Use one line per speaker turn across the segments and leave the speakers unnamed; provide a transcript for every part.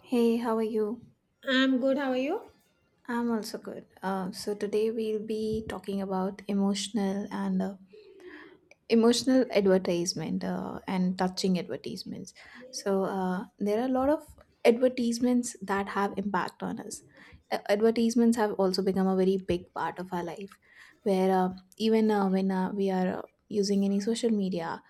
Hey, how are you?
I'm good. How are you?
I'm also good. So today we'll be talking about emotional and emotional advertisement and touching advertisements. There are a lot of advertisements that have impact on us. Advertisements have also become a very big part of our life, where even when we are using any social media,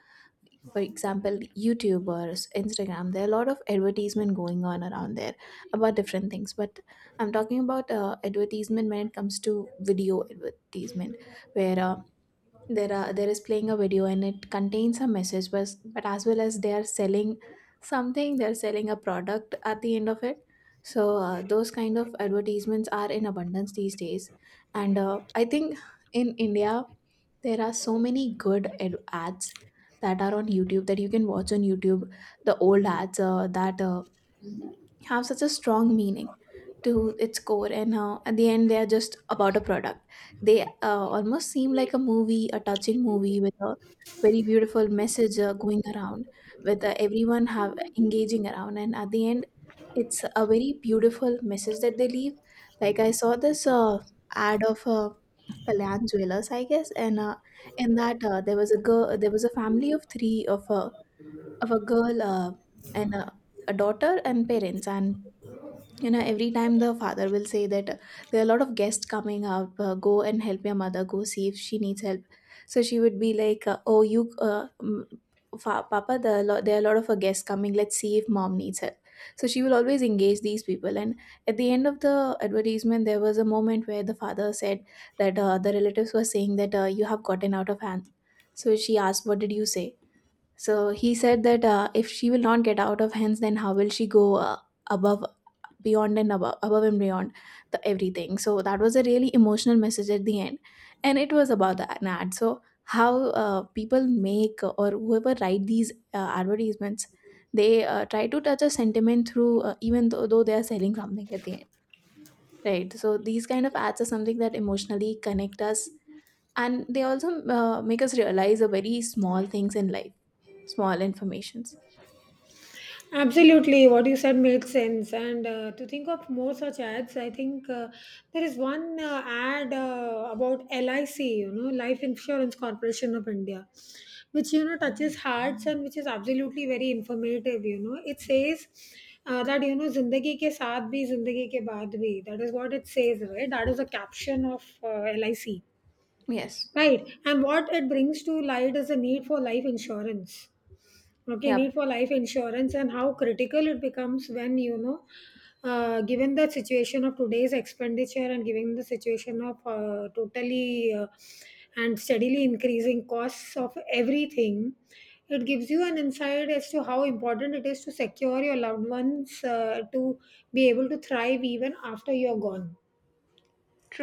for example youtubers, instagram, there are a lot of advertisement going on around there about different things. But I'm talking about advertisement when it comes to video advertisement, where there is playing a video and it contains a message but as well as they are selling something, they're selling a product at the end of it. So those kind of advertisements are in abundance these days, and I think in india there are so many good ads that are on youtube that you can watch on youtube. The old ads that have such a strong meaning to its core, and at the end they are just about a product. They almost seem like a movie, a touching movie with a very beautiful message going around with everyone have engaging around, and at the end it's a very beautiful message that they leave. Like I saw this ad of kalyan jewelers I guess, and in that there was a girl, there was a family of three, of a girl and a daughter and parents. And you know every time the father will say that there are a lot of guests coming out, go and help your mother, go see if she needs help. So she would be like uh, mm, papa, there are a lot of guests coming, let's see if mom needs help. So she will always engage these people. And at the end of the advertisement there was a moment where the father said that the relatives were saying that you have gotten out of hand. So she asked, what did you say? So he said that if she will not get out of hands, then how will she go above, beyond and above, above and beyond the everything? So that was a really emotional message at the end, and it was about the an ad. So how people make or whoever write these advertisements, they try to touch a sentiment through though they are selling something at the end, right? So these kind of ads are something that emotionally connect us, and they also make us realize the very small things in life, small informations.
Absolutely, what you said makes sense. And to think of more such ads, I think there is one ad about LIC, you know, Life Insurance Corporation of India, which you know touches hearts and which is absolutely very informative. You know, it says that you know, "Zindagi ke saath bhi, zindagi ke baad bhi." That is what it says, right? That is a caption of LIC,
Yes.
right? And what it brings to light is the need for life insurance, okay,
Yep.
need for life insurance and how critical it becomes when you know given the situation of today's expenditure and given the situation of totally and steadily increasing costs of everything. It gives you an insight as to how important it is to secure your loved ones, to be able to thrive even after you're gone.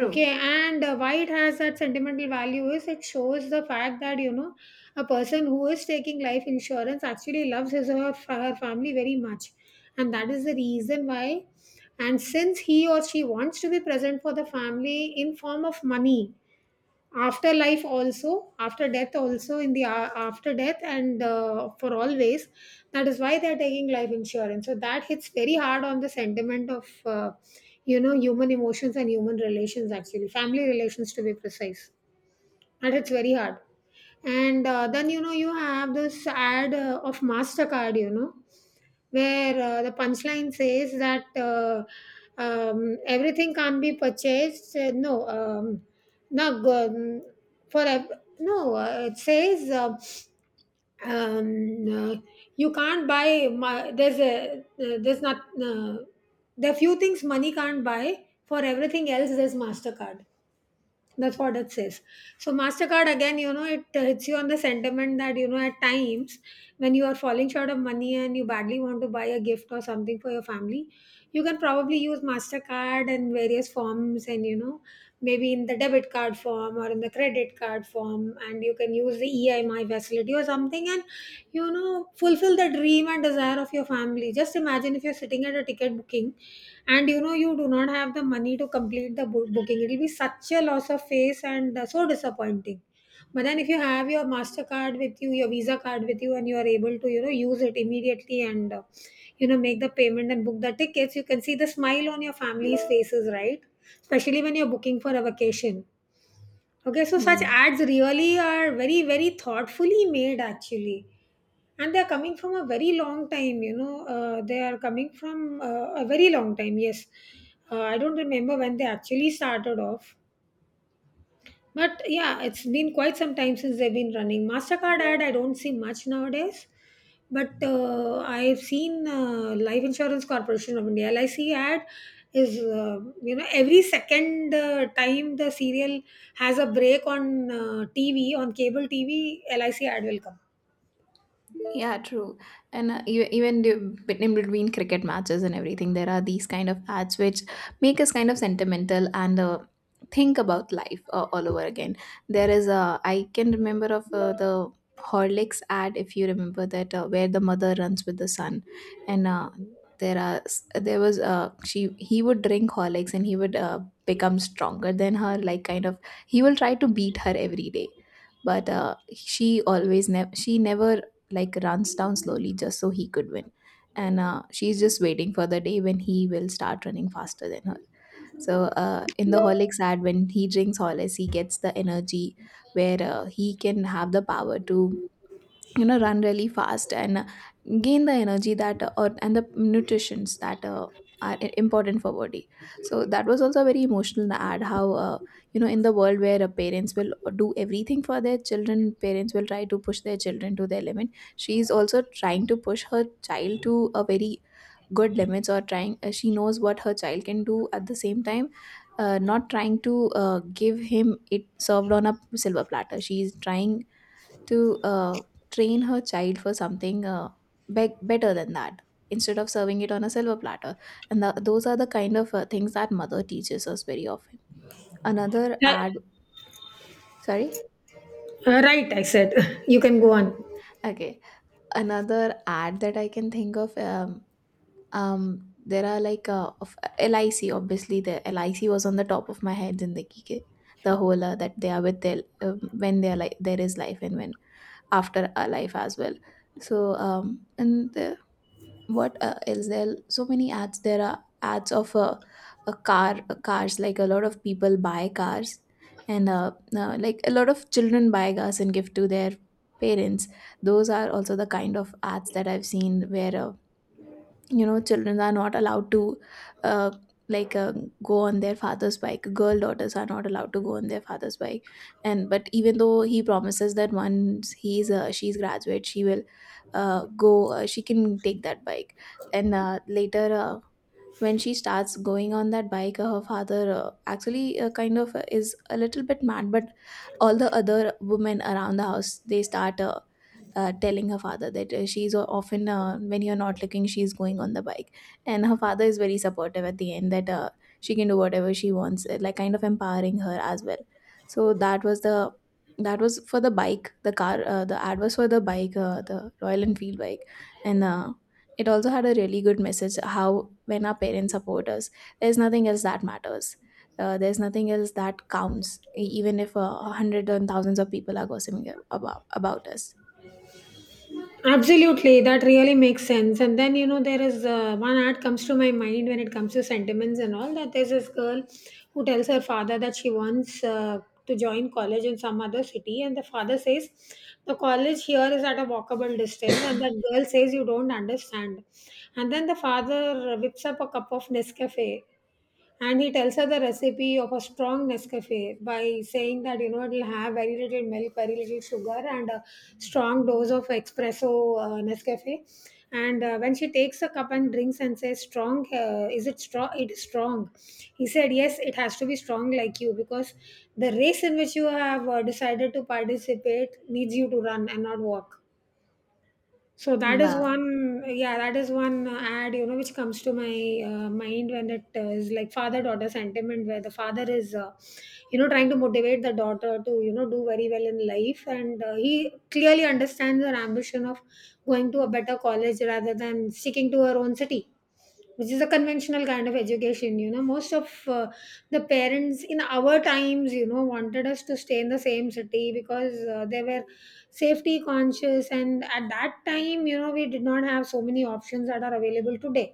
Okay, and why it has that sentimental value is it shows the fact that you know a person who is taking life insurance actually loves his or her family very much, and that is the reason why. And since he or she wants to be present for the family in form of money, after life also, after death also, in the after death, and for always, that is why they are taking life insurance. So that hits very hard on the sentiment of you know human emotions and human relations, actually family relations to be precise, and it's very hard. And then you know you have this ad of Mastercard, you know, where the punchline says that everything can't be purchased no no go- for ev- no it says um, uh, you can't buy my, there's a there's not uh, there are few things money can't buy, for everything else there's Mastercard. That's what it says. So MasterCard again, you know, it hits you on the sentiment that, you know, at times when you are falling short of money and you badly want to buy a gift or something for your family, you can probably use MasterCard in various forms and, you know, maybe in the debit card form or in the credit card form, and you can use the EMI facility or something, and, you know, fulfill the dream and desire of your family. Just imagine if you're sitting at a ticket booking and you know you do not have the money to complete the booking. It will be such a loss of face, and so disappointing. But then if you have your Mastercard with you, your Visa card with you, and you are able to, you know, use it immediately, and you know, make the payment and book the tickets, you can see the smile on your family's faces, right, especially when you're booking for a vacation. Okay, so such
Mm.
ads really are very, very thoughtfully made actually, and they are coming from a very long time, you know, they are coming from a very long time, yes. I don't remember when they actually started off, but yeah, it's been quite some time since they've been running. Mastercard ad, I don't see much nowadays. But I've seen Life Insurance Corporation of India, LIC, ad is, you know, every second time the serial has a break on TV, on cable TV, LIC ad will come.
Yeah, true. And in between cricket matches and everything, there are these kind of ads which make us kind of sentimental and think about life all over again. There is a, I can remember of the Horlicks ad if you remember that, where the mother runs with the son, and there are s- there was she he would drink Horlicks and he would become stronger than her. Like kind of he will try to beat her every day. But she always never she never like runs down slowly just so he could win. And she's just waiting for the day when he will start running faster than her. So in the Horlicks ad, when he drinks Horlicks, he gets the energy where he can have the power to you know run really fast and gain the energy that or and the nutritions that are important for body. So that was also a very emotional ad. How you know in the world where parents will do everything for their children, parents will try to push their children to their limit, she is also trying to push her child to a very good limits, or trying, she knows what her child can do, at the same time not trying to give him it served on a silver platter. She is trying to train her child for something better than that, instead of serving it on a silver platter. And those are the kind of things that mother teaches us very often. Another
Yeah.
ad, sorry.
Right, I said. You can go on.
Okay, okay. Another ad that I can think of, there are like of lic, obviously the lic was on the top of my head, in the kike the whole that they are with their uh, when they are, like there is life and when after a life as well. So and the what else, there are so many ads. There are ads of a car cars, like a lot of people buy cars, and like a lot of children buy cars and give to their parents. Those are also the kind of ads that I've seen where you know children are not allowed to uh, like uh, go on their father's bike, girl daughters are not allowed to go on their father's bike. And but even though he promises that once he's she's graduate, she will go she can take that bike. And later when she starts going on that bike, her father actually kind of is a little bit mad, but all the other women around the house they start telling her father that she's often when you're not looking she's going on the bike. And her father is very supportive at the end, that she can do whatever she wants, like kind of empowering her as well. So that was for the bike, the car, the ad was for the bike, the royal enfield bike. And it also had a really good message, how when our parents support us, there's nothing else that matters. There's nothing else that counts, even if hundreds and thousands of people are gossiping about us.
Absolutely, that really makes sense. And then, you know, there is one ad comes to my mind when it comes to sentiments and all that. There's this girl who tells her father that she wants to join college in some other city, and the father says the college here is at a walkable distance, and that girl says you don't understand. And then the father whips up a cup of Nescafe, and he tells her the recipe of a strong Nescafe by saying that you know it'll have very little milk, very little sugar, and a strong dose of espresso Nescafe. And when she takes a cup and drinks and says, "Strong, is it strong? It is strong." He said, "Yes, it has to be strong like you because the race in which you have decided to participate needs you to run and not walk." So that is one, yeah, that is one ad, you know, which comes to my mind when it is like father-daughter sentiment, where the father is, you know, trying to motivate the daughter to, you know, do very well in life, and he clearly understands her ambition of going to a better college rather than sticking to our own city, which is a conventional kind of education. You know, most of the parents in our times, you know, wanted us to stay in the same city because they were safety conscious, and at that time, you know, we did not have so many options that are available today.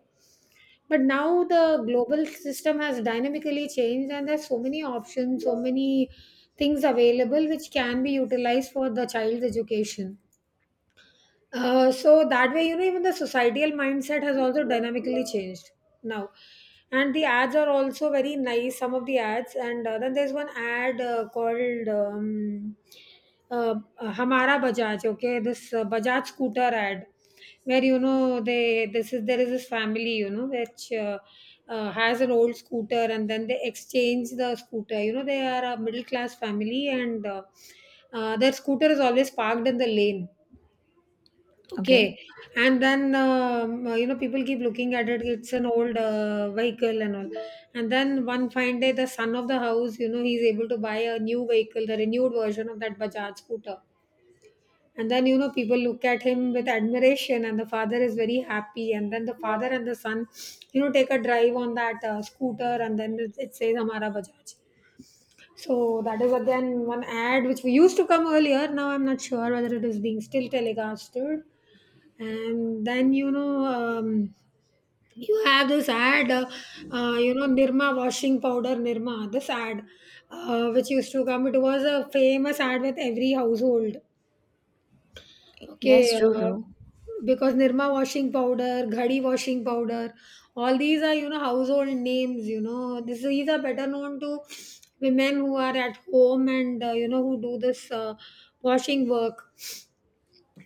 But now the global system has dynamically changed, and there's so many options, so many things available which can be utilized for the child's education. So that way, you know, even the societal mindset has also dynamically changed now. And the ads are also very nice, some of the ads. And then there's one ad called uh, Hamara Bajaj, okay, this Bajaj scooter ad, where, you know, they this is there is this family, you know, which has an old scooter, and then they exchange the scooter. You know, they are a middle class family, and their scooter is always parked in the lane. Okay, and then you know, people keep looking at it. It's an old vehicle and all. And then one fine day, the son of the house, you know, he's able to buy a new vehicle, the renewed version of that Bajaj scooter. And then you know people look at him with admiration, and the father is very happy. And then the father and the son, you know, take a drive on that scooter, and then it says "Hamara Bajaj." So that is again one ad which we used to come earlier. Now I'm not sure whether it is being still telecasted. And then you know you have this ad, you know, Nirma washing powder, Nirma. This ad, which used to come, it was a famous ad with every household.
Yes,
Okay,
true, true.
because Nirma washing powder, Ghadi washing powder, all these are, you know, household names, you know. These are better known to women who are at home, and, you know, who do this washing work.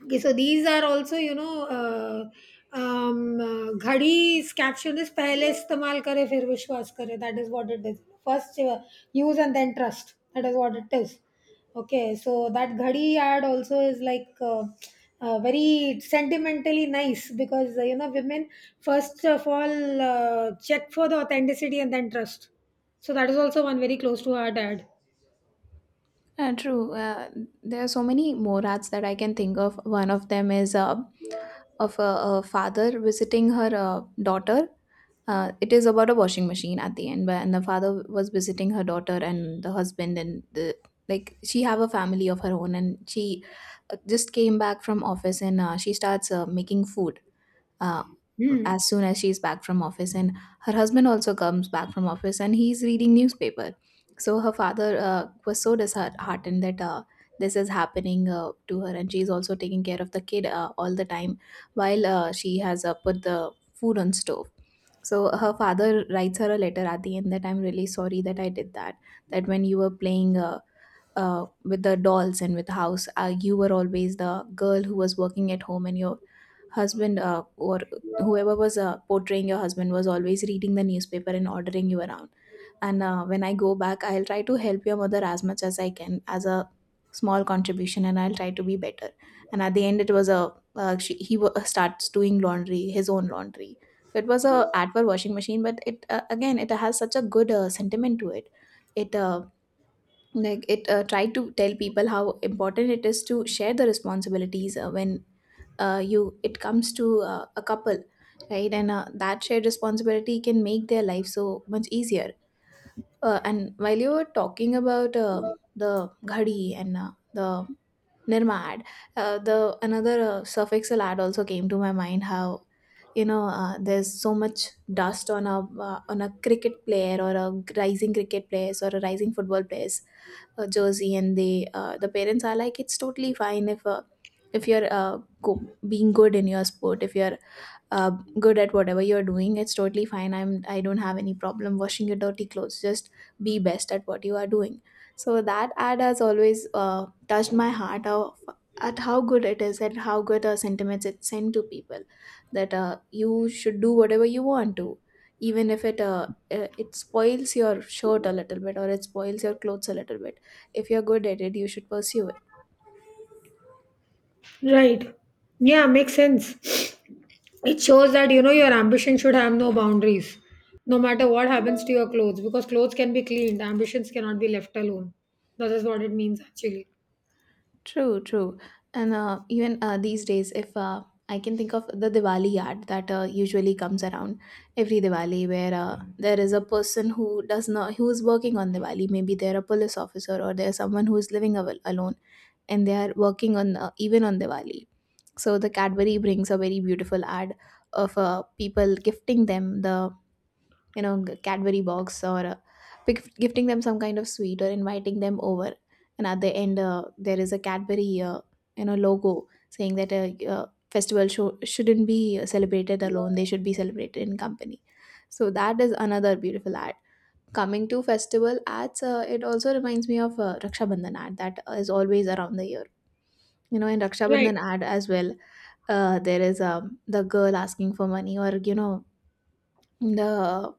Okay, so these are also you know घड़ी इस caption is पहले इस्तेमाल करे फिर विश्वास करे. That is what it is. First use and then trust. That is what it is. Okay, so that घड़ी ad also is like very sentimentally nice because you know women first of all check for the authenticity and then trust. So that is also one very close to our dad.
True. There are so many morals that I can think of. One of them is a father visiting her daughter. It is about a washing machine at the end, where, and the father was visiting her daughter and the husband and the like. She have a family of her own, and she just came back from office, and she starts making food uh,
Hmm.
as soon as she's back from office. And her husband also comes back from office and he's reading newspaper. So her father was so disheartened that this is happening to her, and she's also taking care of the kid all the time, while she has put the food on stove. So her father writes her a letter at the end that, I'm really sorry that I did that, that when you were playing with the dolls and with the house, you were always the girl who was working at home, and your husband or whoever was portraying your husband was always reading the newspaper and ordering you around. And when I go back I'll try to help your mother as much as I can as a small contribution, and I'll try to be better. And at the end it was a, starts doing laundry, his own laundry. So it was a ad for washing machine, but it again it has such a good sentiment to it. It tried to tell people how important it is to share the responsibilities when you it comes to a couple, right? And that shared responsibility can make their life so much easier. Uh, and while you were talking about the ghadi and the Nirmad. The another suffixal ad also came to my mind. How there's so much dust on a cricket player or a rising cricket players or a rising football players jersey, and the parents are like, it's totally fine if you're being good in your sport, if you're uh, good at whatever you're doing. It's totally fine. I don't have any problem washing your dirty clothes, just be best at what you are doing. So that ad has always touched my heart of at how good it is and how good a sentiments it sent to people, that you should do whatever you want to, even if it spoils your shirt a little bit or it spoils your clothes a little bit. If you're good at it, you should pursue it.
Right. Yeah, makes sense. It shows that you know your ambition should have no boundaries, no matter what happens to your clothes, because clothes can be cleaned, ambitions cannot be left alone. That is what it means actually.
True, true. And even These days, if I can think of the Diwali ad that usually comes around every Diwali, where there is a person who does not who is working on Diwali. Maybe they're a police officer or they're someone who is living alone, and they are working on even on Diwali. So the Cadbury brings a very beautiful ad of people gifting them the Cadbury box or gifting them some kind of sweet or inviting them over. And at the end there is a Cadbury logo saying that a festival show shouldn't be celebrated alone, they should be celebrated in company. So that is another beautiful ad. Coming to festival ads, it also reminds me of Raksha Bandhan ad that is always around the year. You know, in Raksha
Right.
Bandhan ad as well, there is the girl asking for money, or you know, the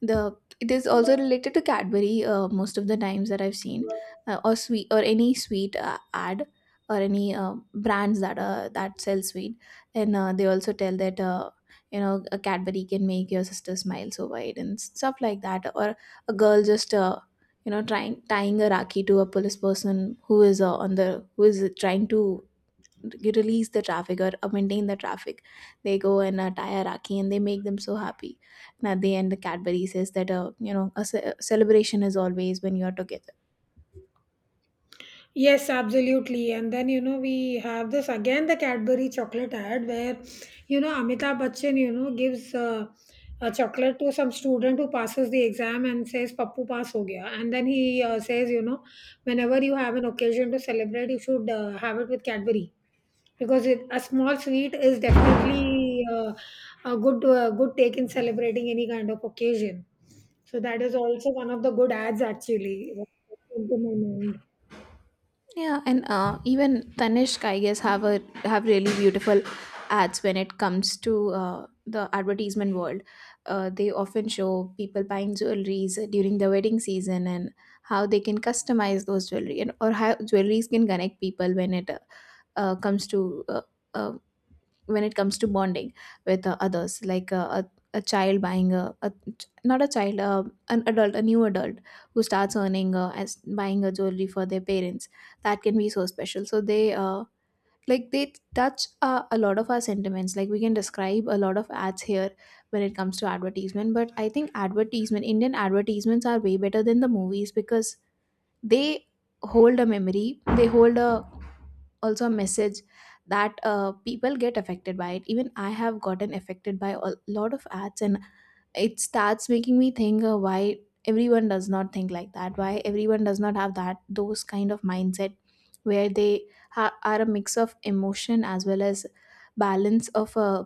the it is also related to Cadbury most of the times that I've seen. Or sweet, or any sweet ad, or any brands that sell sweet. And they also tell that, a Cadbury can make your sister smile so wide and stuff like that. Or a girl just, trying tying a rakhi to a police person who is, on the who is trying to release the traffic or maintain the traffic. They go and tie a rakhi and they make them so happy. And at the end, the Cadbury says that, a celebration is always when you are together.
Yes, absolutely. And then, you know, we have this again the Cadbury chocolate ad where, you know, Amitabh Bachchan, you know, gives a chocolate to some student who passes the exam and says, Pappu pass ho gaya. And then he says, you know, whenever you have an occasion to celebrate, you should have it with Cadbury, because a small sweet is definitely a good, good take in celebrating any kind of occasion. So that is also one of the good ads actually.
Yeah, and even Tanishq, I guess, have a have really beautiful ads when it comes to uh, the advertisement world. They often show people buying jewelries during the wedding season, and how they can customize those jewelry, and or how jewelries can connect people uh, comes to uh, uh, when it comes to bonding with others, like a child buying a not a child, an adult, a new adult who starts earning, as buying a jewelry for their parents. That can be so special. So they like they touch a lot of our sentiments. Like, we can describe a lot of ads here when it comes to advertisement. But I think advertisement Indian advertisements are way better than the movies, because they hold a memory, they hold a also a message, that people get affected by it. Even I have gotten affected by a lot of ads, and it starts making me think, why everyone does not think like that, why everyone does not have that those kind of mindset, where they are a mix of emotion as well as balance of,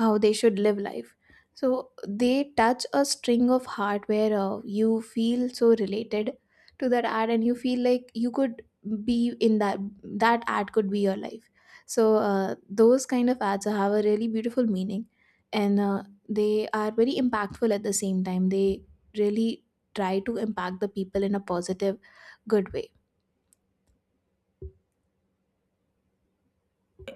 how they should live life. So they touch a string of heart where, you feel so related to that ad, and you feel like you could be in that ad could be your life. So those kind of ads have a really beautiful meaning, and they are very impactful. At the same time, they really try to impact the people in a positive, good way.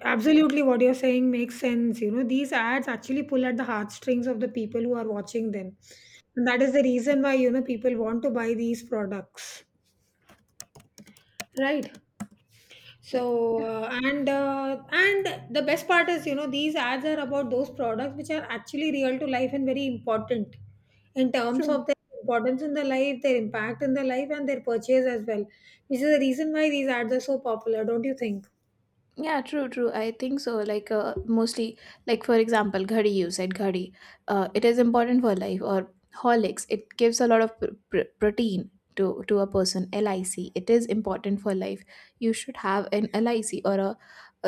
Absolutely, what you're saying makes sense. You know, these ads actually pull at the heartstrings of the people who are watching them. And that is the reason why, you know, people want to buy these products. Right.
Mm.
So,
Yeah,
and the best part is, you know, these ads are about those products which are actually real to life and very important in terms
true.
of their importance in the life, their impact in the life, and their purchase as well, which is the reason why these ads are so popular, don't you think?
Yeah, true, true. I think so. Like, mostly, like for example, ghadi, you said ghadi. It is important for life. Or Horlicks. It gives a lot of protein to a person. LIC. It is important for life. You should have an LIC, or a,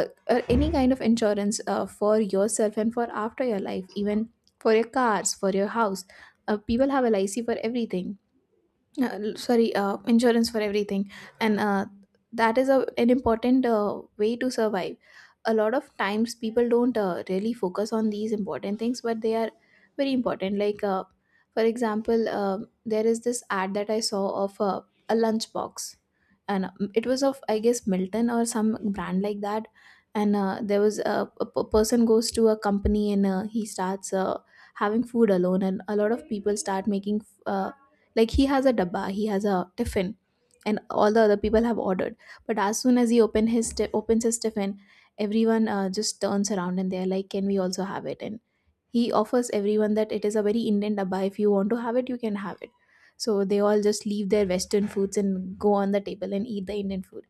a or any kind of insurance for yourself and for after your life, even for your cars, for your house. People have LIC for everything, sorry, insurance for everything. And that is a, an important way to survive. A lot of times people don't really focus on these important things, but they are very important. Like, for example, there is this ad that I saw of a lunchbox, and it was of, I guess, Milton or some brand like that. And there was a, person goes to a company, and he starts having food alone, and a lot of people start making uh, like he has a dabba, he has a tiffin, and all the other people have ordered. But as soon as he open his ti- opens his tiffin, everyone just turns around and they're like, "Can we also have it?" And he offers everyone that it is a very Indian dabba. If you want to have it, you can have it. So they all just leave their Western foods and go on the table and eat the Indian food.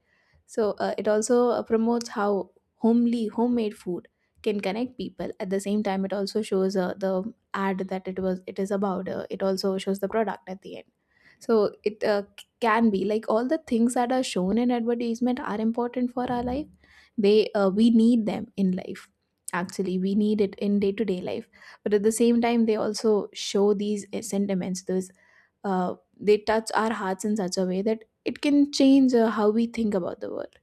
So it also promotes how homely, homemade food can connect people. At the same time, it also shows the ad that it is about, it also shows the product at the end. So it can be like all the things that are shown in advertisement are important for our life. They We need them in life, actually we need it in day to day life. But at the same time, they also show these sentiments, those they touch our hearts in such a way that it can change how we think about the world.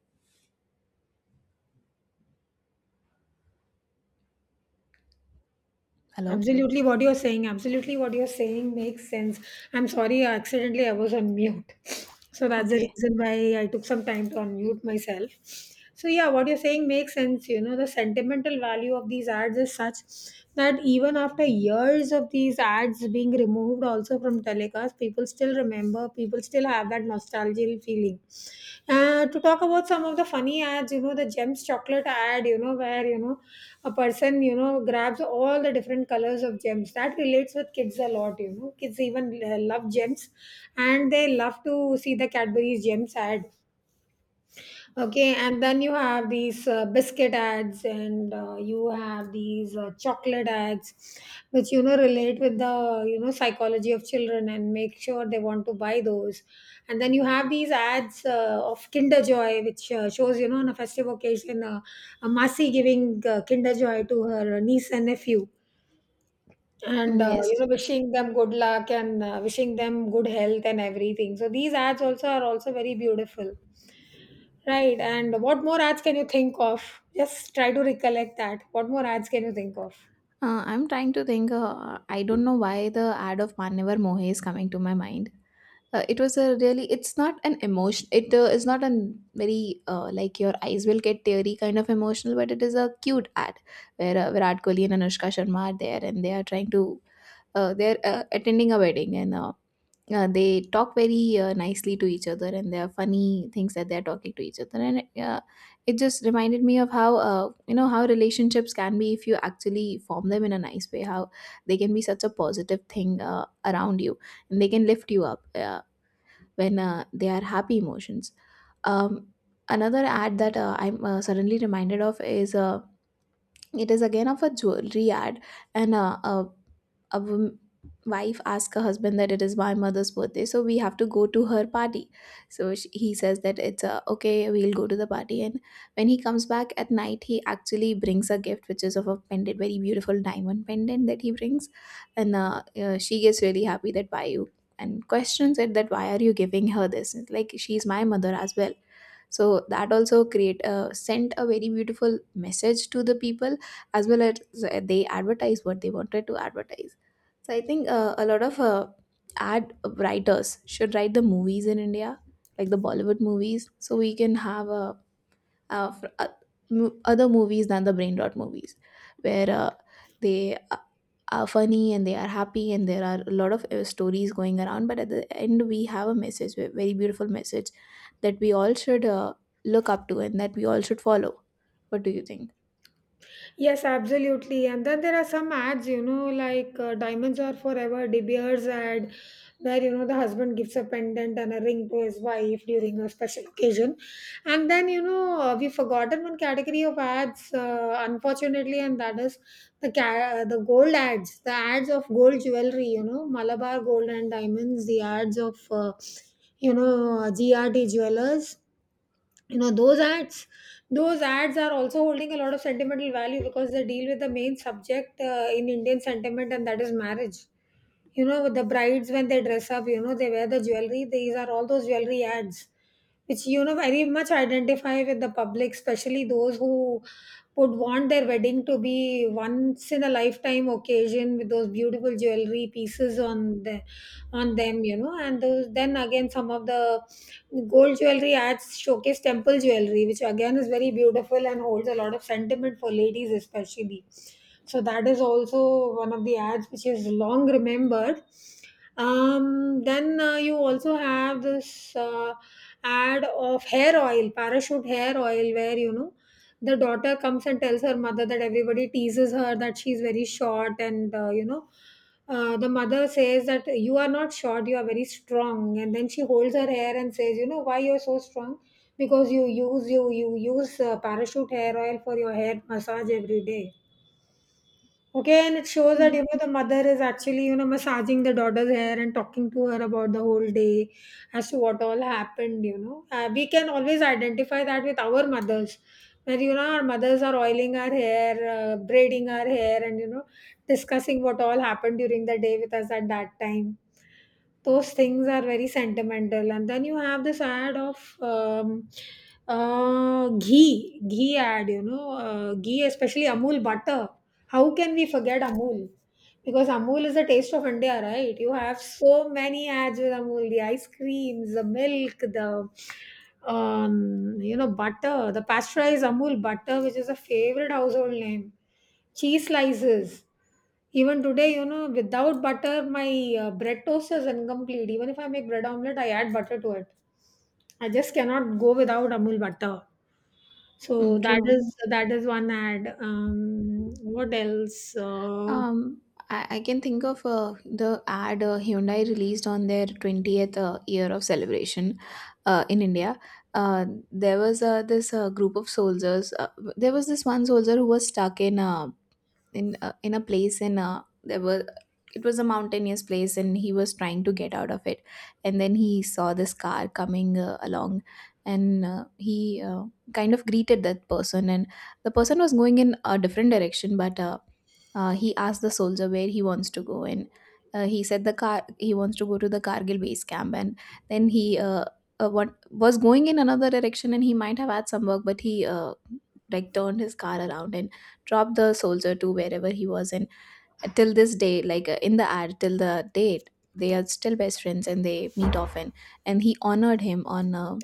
Hello.
Absolutely, what you're saying makes sense. I'm sorry, accidentally, I was on mute. So that's the
Okay.
reason why I took some time to unmute myself. So, yeah, what you're saying makes sense. You know, the sentimental value of these ads is such that even after years of these ads being removed also from telecast, people still remember, people still have that nostalgic feeling. To talk about some of the funny ads, you know, the Gems chocolate ad, you know, where, you know, a person, you know, grabs all the different colors of gems. That relates with kids a lot, you know. Kids even love gems and they love to see the Cadbury's Gems ad. Okay, and then you have these biscuit ads, and you have these chocolate ads, which you know relate with the you know psychology of children and make sure they want to buy those. And then you have these ads of Kinder Joy, which shows you know on a festive occasion a Masi giving Kinder Joy to her niece and nephew, and
Mm,
you
yes.
know wishing them good luck and wishing them good health and everything. So these ads also are also very beautiful. Right. And what more ads can you think of? Just try to recollect that. What more ads can you think of?
I'm trying to think. I don't know why the ad of Mannevar Mohe is coming to my mind. It was a really it's not an emotion, it is not a very like your eyes will get teary kind of emotional, but it is a cute ad where Virat Kohli and Anushka Sharma are there, and they are trying to they're attending a wedding, and they talk very nicely to each other, and there are funny things that they're talking to each other. And it just reminded me of how, how relationships can be if you actually form them in a nice way, how they can be such a positive thing around you, and they can lift you up, when they are happy emotions. Um, Another ad that I'm suddenly reminded of is. It is again of a jewelry ad, and a, a wom- wife asks her husband that it is my mother's birthday, so we have to go to her party. So sh he says that it's a, okay, we'll go to the party. And when he comes back at night, he actually brings a gift, which is of a pendant, very beautiful diamond pendant that he brings. And she gets really happy that why you and questions it that why are you giving her this? It's like she's my mother as well. So that also create sent a very beautiful message to the people, as well as they advertise what they wanted to advertise. So I think a lot of ad writers should write the movies in India, like the Bollywood movies, so we can have a, other movies than the brain rot movies, where they are funny and they are happy, and there are a lot of stories going around, but at the end we have a message, a very beautiful message that we all should look up to, and that we all should follow. What do you think?
Yes, absolutely. And then there are some ads, you know, like Diamonds Are Forever, De Beers ad, where, you know, the husband gives a pendant and a ring to his wife during a special occasion. And then, you know, we've forgotten one category of ads, unfortunately, and that is the the gold ads, the ads of gold jewelry, you know, Malabar Gold and Diamonds, the ads of, you know, GRT Jewelers, you know, those ads. Those ads are also holding a lot of sentimental value because they deal with the main subject in Indian sentiment, and that is marriage. You know, the brides, when they dress up, you know, they wear the jewelry. These are all those jewelry ads which you know very much identify with the public, especially those who would want their wedding to be once in a lifetime occasion with those beautiful jewelry pieces on the on them, you know. And those, then again, some of the gold jewelry ads showcase temple jewelry, which again is very beautiful and holds a lot of sentiment for ladies especially. So that is also one of the ads which is long remembered. Then you also have this ad of hair oil, parachute hair oil, where you know the daughter comes and tells her mother that everybody teases her that she's very short, and you know the mother says that you are not short, you are very strong, and then she holds her hair and says, you know why you're so strong, because you use you use parachute hair oil for your hair massage every day. Okay, and it shows that,
Hmm.
you know, the mother is actually, you know, massaging the daughter's hair and talking to her about the whole day as to what all happened, you know. We can always identify that with our mothers, where, you know, our mothers are oiling our hair, braiding our hair, and, you know, discussing what all happened during the day with us at that time. Those things are very sentimental. And then you have this ad of ghee ad, you know, ghee, especially Amul butter. How can we forget Amul? Because Amul is the taste of India, right? You have so many ads with Amul, the ice creams, the milk, the you know, butter, the pasteurized Amul butter, which is a favorite household name, cheese slices. Even today, you know, without butter, my bread toast is incomplete. Even if I make bread omelette, I add butter to it. I just cannot go without Amul butter. So
Mm,
that
true.
is that is one ad. What else? Uh,
Um, I can think of the ad Hyundai released on their 20th year of celebration in India. Uh, there was this group of soldiers. There was this one soldier who was stuck in a place in a there were it was a mountainous place, and he was trying to get out of it. And then he saw this car coming along, and he kind of greeted that person, and the person was going in a different direction, but he asked the soldier where he wants to go. And he said the car he wants to go to the Kargil base camp. And then he what was going in another direction and he might have had some work, but he like turned his car around and dropped the soldier to wherever he was. And till this day, like in the ad till the date, they are still best friends and they meet often, and he honored him on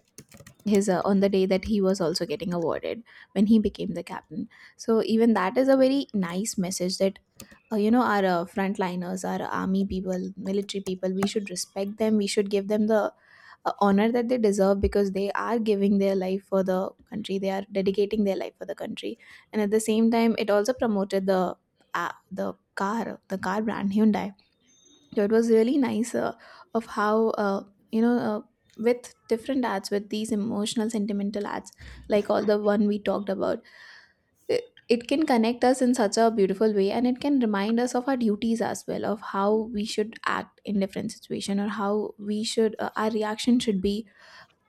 his on the day that he was also getting awarded, when he became the captain. So even that is a very nice message that our frontliners, our army people, military people, we should respect them, we should give them the honor that they deserve, because they are giving their life for the country, they are dedicating their life for the country. And at the same time, it also promoted the the car brand Hyundai. So it was really nice of how you know uh, with different ads, with these emotional sentimental ads like all the one we talked about, it can connect us in such a beautiful way, and it can remind us of our duties as well, of how we should act in different situation, or how we should our reaction should be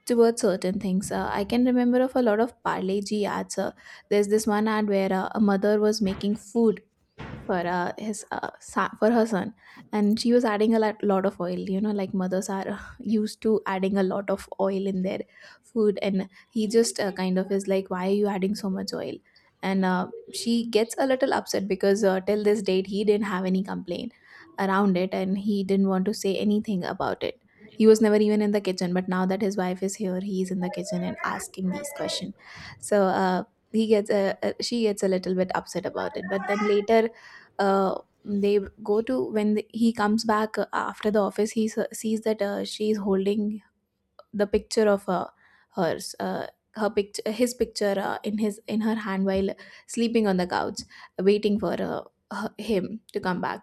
towards certain things. I can remember of a lot of Parle G ads. There's this one ad where a mother was making food for for her son, and she was adding a lot of oil, you know, like mothers are used to adding a lot of oil in their food. And he just kind of is like, why are you adding so much oil? And she gets a little upset, because till this date he didn't have any complaint around it, and he didn't want to say anything about it. He was never even in the kitchen, but now that his wife is here he's in the kitchen and asking these questions. So he gets a she gets a little bit upset about it. But then later, uh, they go to when he comes back after the office. He sees that she is holding the picture of hers uh, her picture, his picture, in her hand, while sleeping on the couch, waiting for him to come back.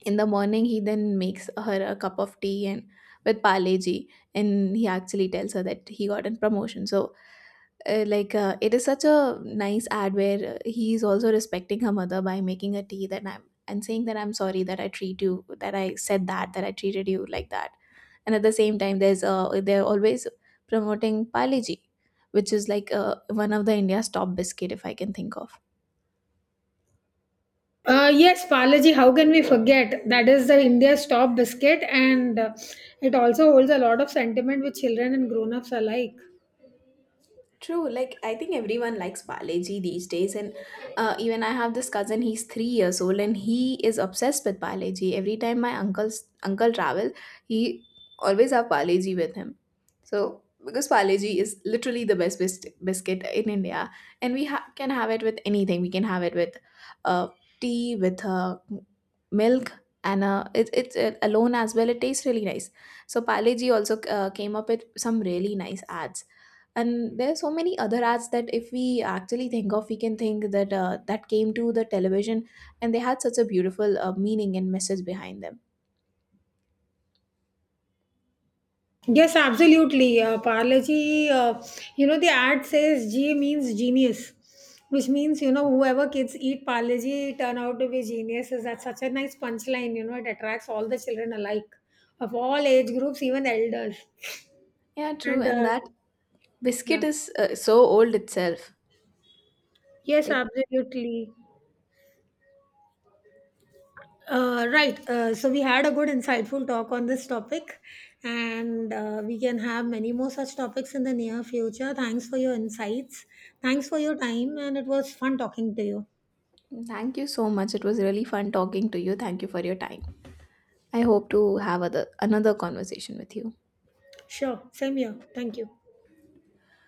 In the morning he then makes her a cup of tea, and with Paleji, and he actually tells her that he got a promotion. So it is such a nice ad where he is also respecting her mother by making a tea, that I'm, and saying that I'm sorry that I treat you, that I said that, that I treated you like that, and at the same time there's they're always promoting Palaji, which is like one of the India's top biscuit, if I can think of.
Uh, yes, Palaji, how can we forget? That is the India's top biscuit, and it also holds a lot of sentiment with children and grown ups alike.
True, like I think everyone likes Paleji these days. And even I have this cousin. He's 3 years old, and he is obsessed with Paleji. Every time my uncle travel, he always have Paleji with him. So because Paleji is literally the best biscuit in India, and we can have it with anything. We can have it with uh, tea, with milk, and it's alone as well. It tastes really nice. So Paleji also came up with some really nice ads, and there are so many other ads that if we actually think of, we can think that that came to the television, and they had such a beautiful meaning and message behind them.
Yes, absolutely. Parleji, you know, the ad says G means genius, which means, you know, whoever kids eat Parleji turn out to be geniuses. That's such a nice punchline, you know, it attracts all the children alike of all age groups, even elders.
Yeah, true.
And
And that biscuit
yeah,
is so old itself.
yes,
Right.
absolutely. Right. So we had a good, insightful talk on this topic, and we can have many more such topics in the near future. Thanks for your insights. Thanks for your time, and it was fun talking to you.
Thank you so much, it was really fun talking to you, thank you for your time. I
Yeah,
hope to have other another conversation with you.
sure. Same here. Thank you.